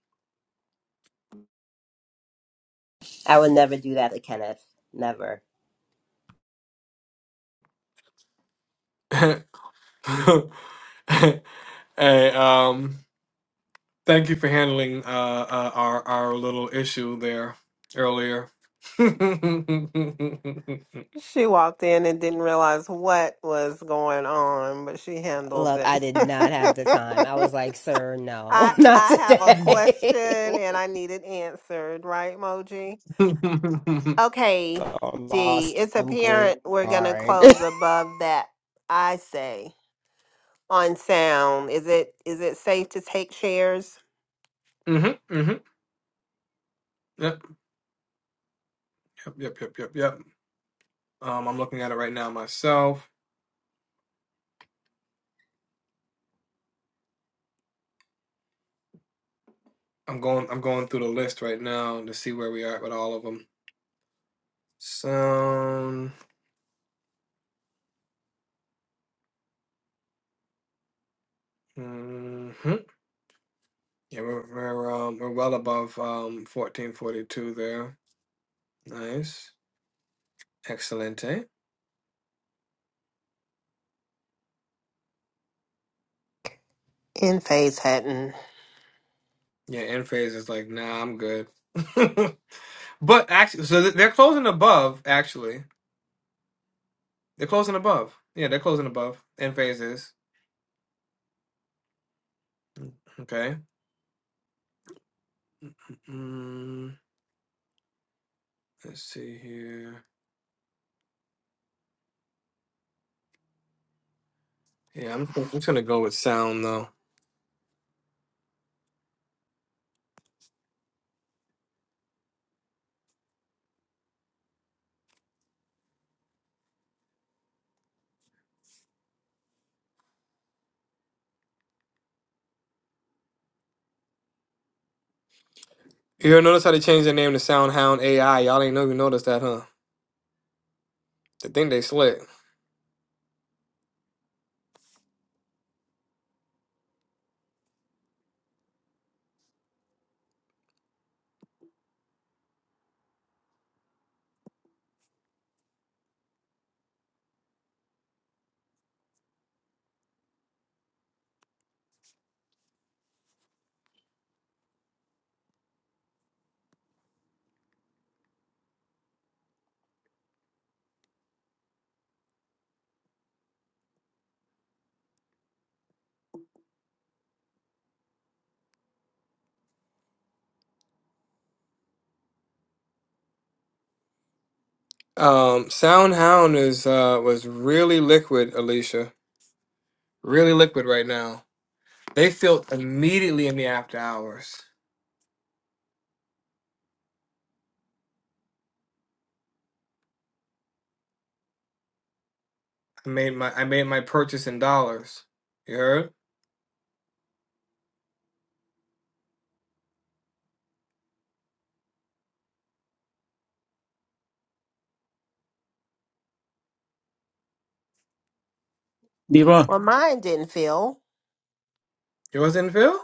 F: I would never do that to Kenneth. Never.
A: Hey, um, thank you for handling uh, uh our our little issue there earlier.
C: She walked in and didn't realize what was going on, but she handled
F: Look, I
C: it.
F: did not have the time. I was like, sir, no,
C: I
F: not
C: I have a question
F: today.
C: and I need it answered, right, Moji? Okay,
F: I'm
C: D, it's
F: awesome green
C: apparent we're gonna
F: card.
C: close above that, I say, on sound. Is it, is it safe to take shares?
A: Mhm, mhm. Yep, yep, yep, yep, yep, yep. Um, I'm looking at it right now myself. I'm going, I'm going through the list right now to see where we are at with all of them. Sound. Mm-hmm. Yeah, we're we're, um, we're well above um 1442 there. Nice. Excellent, eh?
C: In phase Hatton.
A: Yeah, end phase is like, nah, I'm good. But actually, so th- they're closing above, actually. They're closing above. Yeah, they're closing above. End phase is. Okay. Mm, let's see here. Yeah, I'm, I'm just gonna go with sound though. You ever notice how they changed their name to Soundhound AI? Y'all ain't know you noticed that, huh? They think they slick. Um, Sound Hound is uh was really liquid, Alicia. Really liquid right now. They filled immediately in the after hours. I made my I made my purchase in dollars. You heard?
G: Deron,
C: Well, mine didn't feel.
A: Yours didn't fill?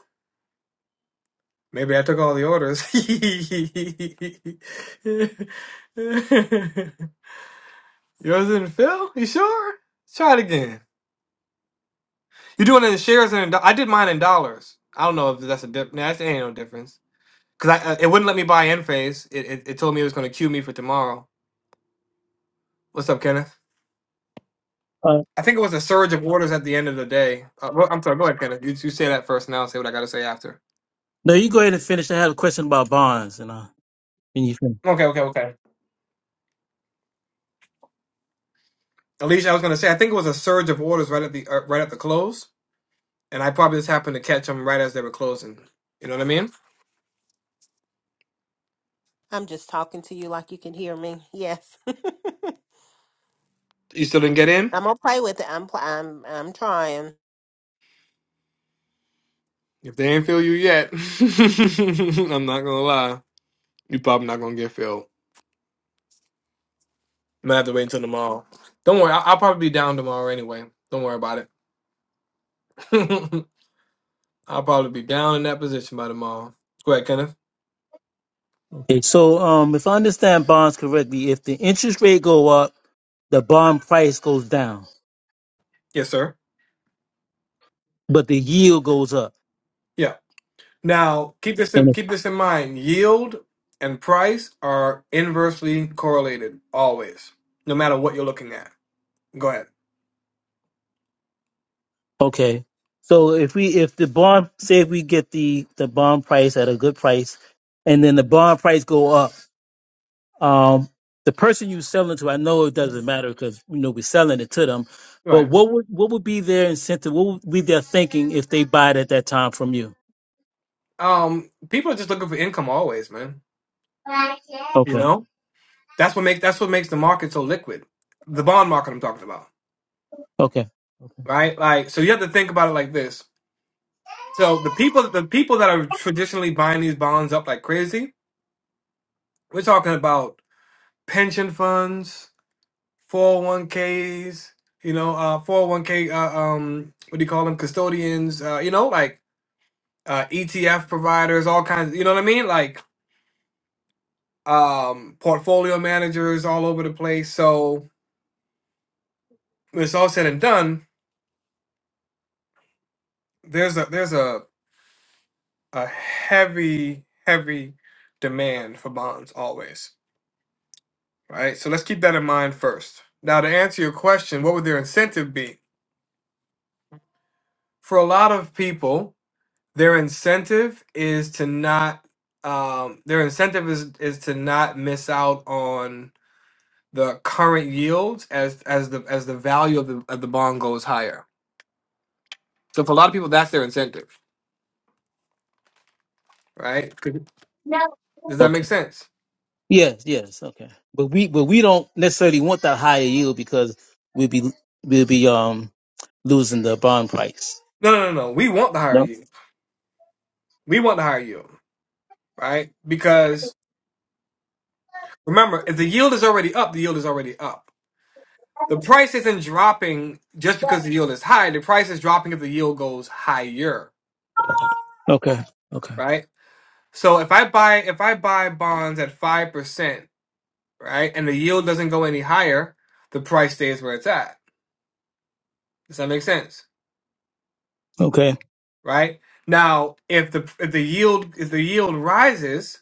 A: Maybe I took all the orders. Yours didn't fill? You sure? try it again. You doing it in shares and in do- I did mine in dollars. I don't know if that's a dip. Nah, that ain't no difference. Cause I uh, it wouldn't let me buy Enphase. It, it it told me it was gonna queue me for tomorrow. What's up, Kenneth?
G: uh,
A: I think it was a surge of orders at the end of the day. Uh, well, I'm sorry. Go ahead, Kenneth. You, you say that first, and I'll say what I got to say after.
G: no, you go ahead and finish. I have a question about bonds, and uh, then you finish.
A: Okay, okay, okay. Alicia, I was going to say I think it was a surge of orders right at the uh, right at the close, and I probably just happened to catch them right as they were closing. You know what I mean?
C: I'm just talking to you like you can hear me. Yes.
A: You still didn't get in.
C: I'm gonna play with it. I'm, pl- I'm, I'm trying.
A: If they ain't fill you yet, I'm not gonna lie. You probably not gonna get filled. I'm gonna have to wait until tomorrow. Don't worry, I'll, I'll probably be down tomorrow anyway. Don't worry about it. I'll probably be down in that position by tomorrow. Go ahead, Kenneth.
G: Okay, so um, if I understand bonds correctly, if the interest rate go up, the bond price goes down,
A: Yes, sir.
G: but the yield goes up.
A: Yeah. Now, keep this in,
G: And if,
A: keep this in mind. Yield and price are inversely correlated always, no matter what you're looking at. Go ahead.
G: okay, so if we if the bond say if we get the the bond price at a good price, and then the bond price go up. Um, the person you selling to, I know it doesn't matter because you know we're selling it to them. But
A: Right.
G: what would what would be their incentive? What would be their thinking if they buy it at that time from you?
A: Um, people are just looking for income always, man. You
G: Okay.
A: know? That's what makes that's what makes the market so liquid. The bond market I'm talking about,
G: Okay.
A: right? Like so you have to think about it like this. So the people the people that are traditionally buying these bonds up like crazy, we're talking about pension funds, 401ks, you know, uh 401k uh, um what do you call them? custodians, uh you know, like uh ETF providers, all kinds, you know what I mean? Like um portfolio managers all over the place. So when it's all said and done, there's a there's a a heavy heavy demand for bonds always, right? So let's keep that in mind first. Now to answer your question, what would their incentive be? For a lot of people, Their incentive is to not. Um, their incentive is is to not miss out on the current yields as as the as the value of the of the bond goes higher. So for a lot of people, that's their incentive, right? Could- Does that make
G: Okay.
A: sense?
G: Yes. Yes. Okay. But we but we don't necessarily want that higher yield because we'll be we'll be um losing the bond price.
A: No, no, no, no. We want the higher
G: No.
A: yield. We want the higher yield, right? Because remember, if the yield is already up, the yield is already up. The price isn't dropping just because the yield is high. The price is dropping if the yield goes higher,
G: Okay. Okay.
A: right? So if I buy if I buy bonds at five percent, right, and the yield doesn't go any higher, the price stays where it's at. Does that make sense?
G: Okay.
A: Right? Now, if the if the yield if the yield rises,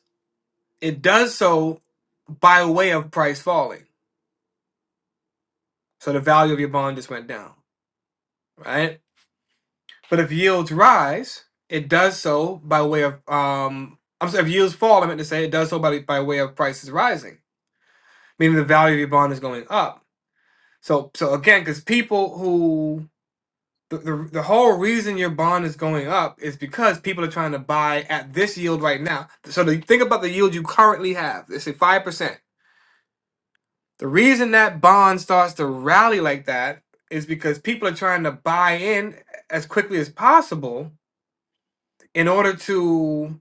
A: it does so by way of price falling. So the value of your bond just went down, right? But if yields rise, it does so by way of um I'm sorry, if yields fall, I meant to say it does so by by way of prices rising, meaning the value of your bond is going up. So so again, because people who the, the the whole reason your bond is going up is because people are trying to buy at this yield right now. So the, think about the yield you currently have. Let's say five percent. The reason that bond starts to rally like that is because people are trying to buy in as quickly as possible in order to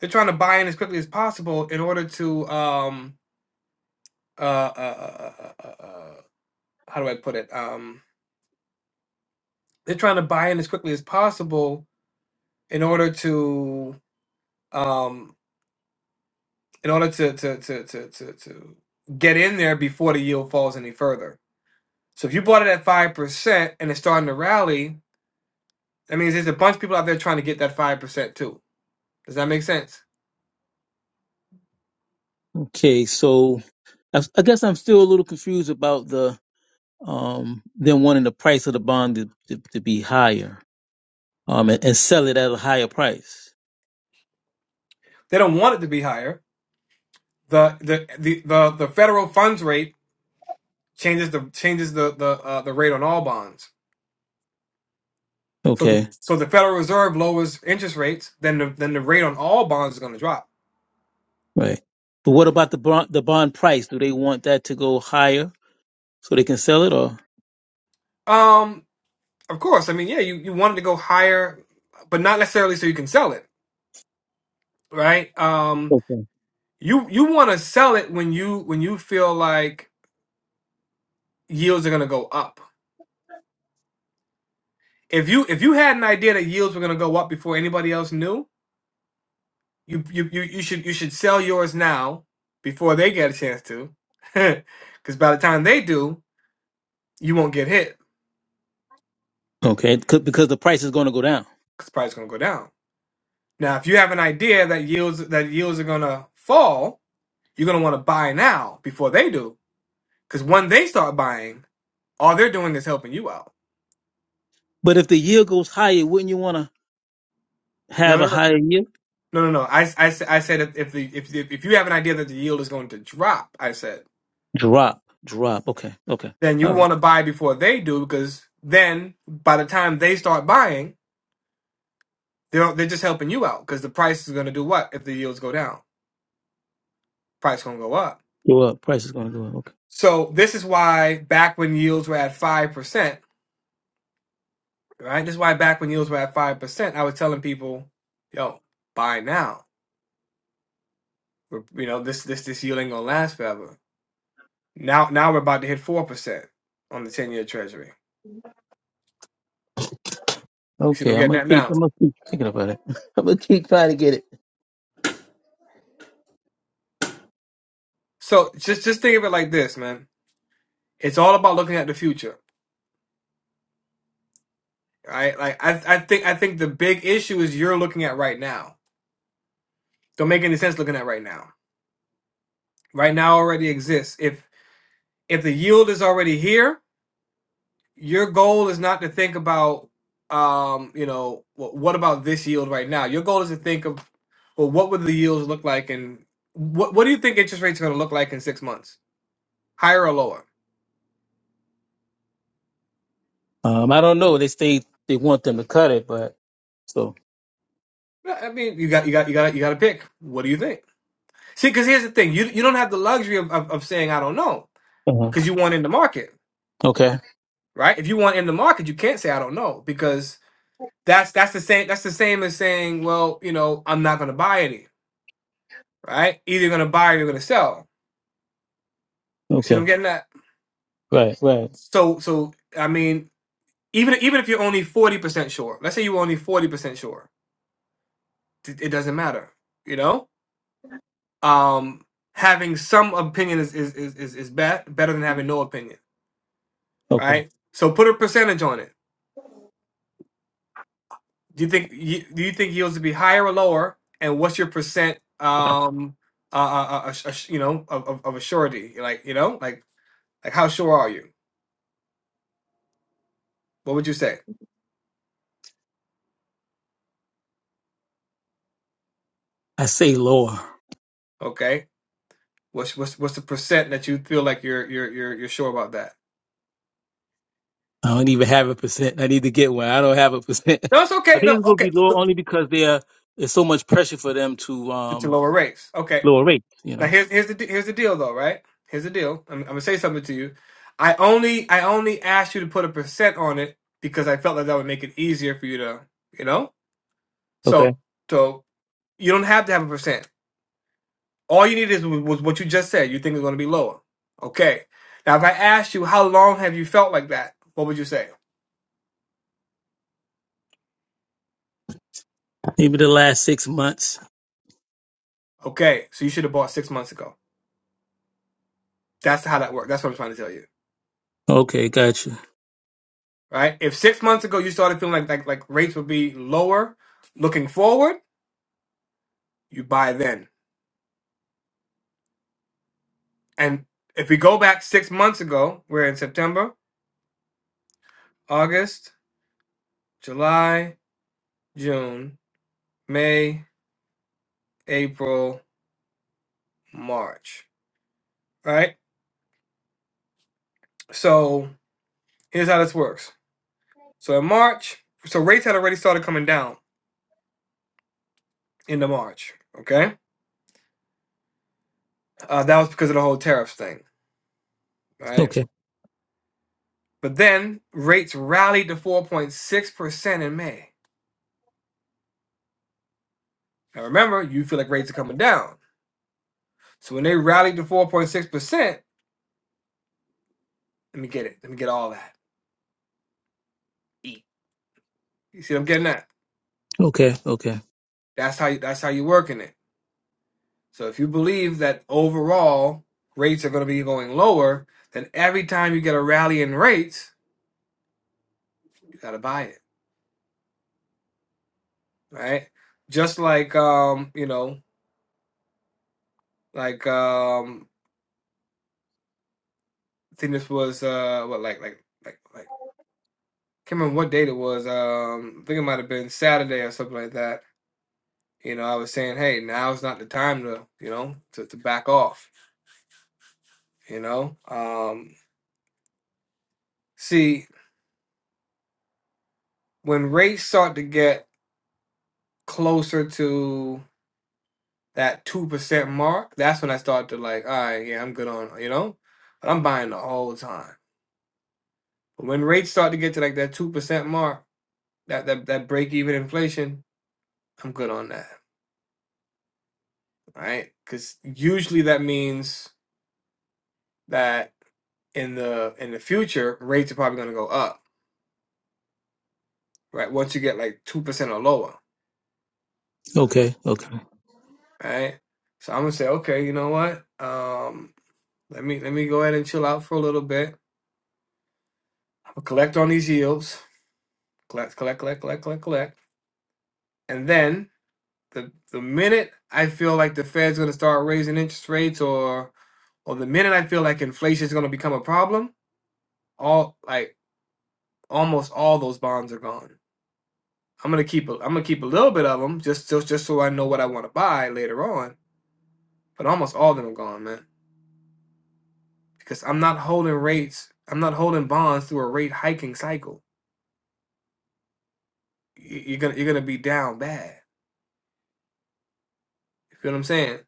A: they're trying to buy in as quickly as possible in order to um uh uh, uh, uh, uh uh, uh, how do I put it um they're trying to buy in as quickly as possible in order to um in order to to to to to, to get in there before the yield falls any further. So if you bought it at five percent and it's starting to rally, that means there's a bunch of people out there trying to get that five percent too. Does that make sense?
G: Okay. So I, I guess I'm still a little confused about the um, them wanting the price of the bond to, to, to be higher um, and, and sell it at a higher price.
A: They don't want it to be higher. the the the the, the federal funds rate changes the changes the the uh, the rate on all bonds. So the
G: Okay,
A: so the Federal Reserve lowers interest rates, then the then the rate on all bonds is going to drop.
G: right. But what about the bond, the bond price? Do they want that to go higher so they can sell it or?
A: Um, of course, I mean, yeah, you you want it to go higher, but not necessarily so you can sell it, right? Um,
G: Okay.
A: you you want to sell it when you when you feel like yields are going to go up. If you if you had an idea that yields were going to go up before anybody else knew, You you you you should you should sell yours now before they get a chance to, because by the time they do, you won't get hit
G: Okay, 'cause- because the price is going to go down.
A: because price gonna go down. Now, if you have an idea that yields that yields are gonna fall, you're gonna want to buy now before they do, because when they start buying, all they're doing is helping you out.
G: But if the yield goes higher, wouldn't you want to
A: No,
G: have
A: no,
G: a
A: no,
G: higher yield?
A: no, no, no. I, s- I, s- I said if if, the, if if if you have an idea that the yield is going to drop, I said
G: Drop, drop. Okay, okay.
A: then you
G: All right.
A: want to buy before they do because then by the time they start buying They're they're just helping you out because the price is going to do what if the yields go down? Price going to go up.
G: Go up. Price is going to go up. Okay.
A: So this is why back when yields were at five percent, right? This is why back when yields were at five percent, I was telling people, "Yo, buy now. We're, you know this this this yield ain't gonna last forever." Now now we're about to hit four percent on the ten year Treasury. You see,
G: Okay,
A: them
G: I'm
A: getting
G: gonna
A: that
G: keep.
A: now.
G: I'm gonna keep thinking about it. I'm gonna keep trying to get it.
A: So just just think of it like this, man. It's all about looking at the future, right? Like I I think I think the big issue is you're looking at right now. Don't make any sense looking at right now right now already exists. If if the yield is already here, your goal is not to think about um, you know, what, what about this yield right now? Your goal is to think of well, what would the yields look like and what what do you think interest rates are going to look like in 6 months? Higher or lower?
G: Um, I don't know. They say they want them to cut it, but so
A: Yeah, I mean, you got you got you got you got to pick. What do you think? See, cuz here's the thing. You you don't have the luxury of of, of saying I don't know
G: Uh-huh.
A: cuz you want in the market,
G: Okay.
A: right? If you want in the market, you can't say I don't know because That's that's the same. That's the same as saying, well, you know, I'm not gonna buy any. Right? Either you're gonna buy or you're gonna sell. You see, what
G: Okay.
A: I'm getting that.
G: Right. Right.
A: So, so I mean, even even if you're only forty percent sure, let's say you're only forty percent sure, it, it doesn't matter. You know, um, having some opinion is is is is, is bet, better than having no opinion,
G: Okay.
A: right? So put a percentage on it. Do you think you, do you think yields would be higher or lower? And what's your percent um uh, uh, uh, uh, sh- uh, sh- you know, of, of, of a surety, like you know, like Like, how sure are you? What would you say?
G: I say lower.
A: Okay, what's what's what's the percent that you feel like you're you're you're you're sure about that?
G: I don't even have a percent. I need to get one. I don't have a percent.
A: No, it's
G: I
A: okay.
G: think
A: No,
G: it's going to
A: okay,
G: be lower only because there is so much pressure for them to
A: it's a
G: um
A: lower race. Okay,
G: lower rates. You
A: now
G: know.
A: here's here's the de- here's the deal though, right? Here's the deal. I'm, I'm gonna say something to you. I only I only asked you to put a percent on it because I felt like that would make it easier for you to you know.
G: Okay.
A: So so you don't have to have a percent. All you need is was what you just said. You think it's gonna be lower. Okay. Now, if I asked you how long have you felt like that, what would you say?
G: Maybe the last six months.
A: Okay, so you should have bought six months ago. That's how that works. That's what I'm trying to tell you,
G: Okay. Gotcha.
A: right? If six months ago you started feeling like like like rates would be lower, looking forward, you buy then. And if we go back six months ago, we're in September, August, July, June, May, April, March, right? So here's how this works. So in March, so rates had already started coming down into March. Okay, uh, that was because of the whole tariffs thing, right?
G: Okay.
A: But then rates rallied to 4.6% in May. Now remember, you feel like rates are coming down. So when they rallied to 4.6%, let me get it. Let me get all that. Eat. You see what I'm getting at?
G: Okay. Okay.
A: That's how you that's how you're working it. So if you believe that overall rates are gonna be going lower, then every time you get a rally in rates, you gotta buy it. Right? Just like um, you know, like um I think this was uh what like like like like can't remember what date it was. Um, I think it might have been Saturday or something like that. You know, I was saying, hey, now's not the time to, you know, to, to back off. You know, um, see, when rates start to get closer to that two percent mark, that's when I start to like, all right, yeah, I'm good on, you know, but I'm buying the whole time. But when rates start to get to like that two percent mark, that that that break even inflation, I'm good on that, right? Because usually that means that in the in the future, rates are probably gonna go up, right? Once you get like two percent or lower,
G: Okay. Okay.
A: right? So I'm gonna say, okay, you know what? Um, let me let me go ahead and chill out for a little bit. I'll collect on these yields, collect, collect, collect, collect, collect, collect, and then the the minute I feel like the Fed's gonna start raising interest rates, or or the minute I feel like inflation is gonna become a problem, all like almost all those bonds are gone. I'm gonna keep a, I'm gonna keep a little bit of them just just just so I know what I want to buy later on but almost all of them are gone, man. Because I'm not holding rates. I'm not holding bonds through a rate hiking cycle. Y- You're gonna you're gonna be down bad. You feel what I'm saying?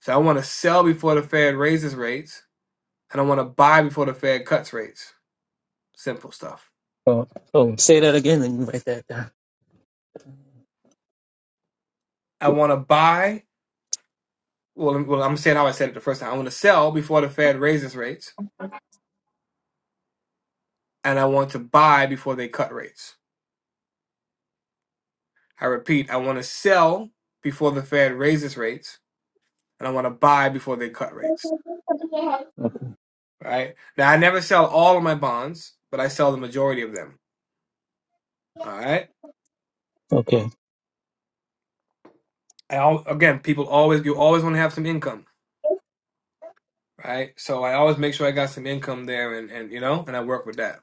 A: So I want to sell before the Fed raises rates, and I want to buy before the Fed cuts rates. Simple stuff.
G: Oh, oh, say that again and you write that down.
A: I want to buy. Well, I'm- well, I'm saying how I said it the first time. I want to sell before the Fed raises rates, and I want to buy before they cut rates. I repeat, I want to sell before the Fed raises rates, and I want to buy before they cut rates.
G: Okay.
A: right? Now I never sell all of my bonds, but I sell the majority of them. All right.
G: Okay.
A: I al- again, people always you always want to have some income, right? So I always make sure I got some income there, and and you know, and I work with that.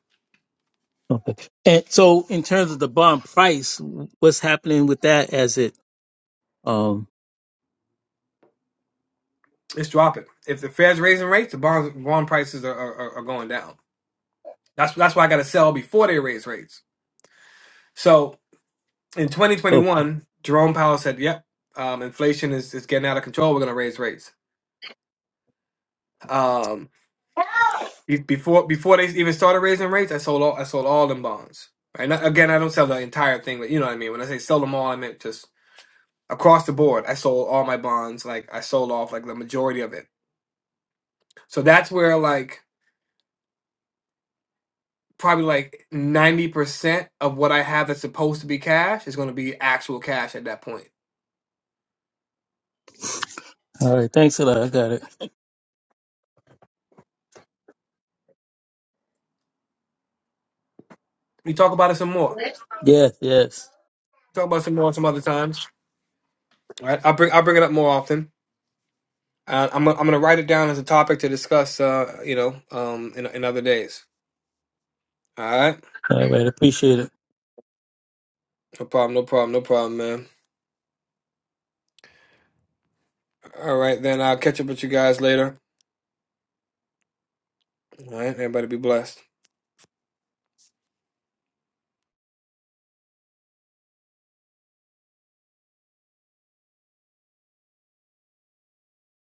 G: Okay. And so, in terms of the bond price, what's happening with that as it um?
A: It's dropping. If the Fed's raising rates, the bonds bond prices are, are are going down. That's that's why I got to sell before they raise rates. So in 2021, Jerome Powell said, "Yep, um, inflation is is getting out of control. We're going to raise rates." Um, Be- Before before they even started raising rates, I sold all I sold all them bonds. And I- again, I don't sell the entire thing, but you know what I mean. When I say sell them all, I meant just across the board. I sold all my bonds. Like I sold off like the majority of it. So that's where like probably like ninety percent of what I have that's supposed to be cash is going to be actual cash at that point.
G: All right. Thanks a lot. I got it.
A: We talk about it some more.
G: Yes, yes.
A: Talk about it some more some other times. All right, I'll bring I'll bring it up more often. Uh, I'm gonna- I'm gonna write it down as a topic to discuss. Uh, you know, um, in in other days. All right.
G: All right. Appreciate it.
A: No problem, no problem, no problem, man. All right, then I'll catch up with you guys later. All right, everybody be blessed.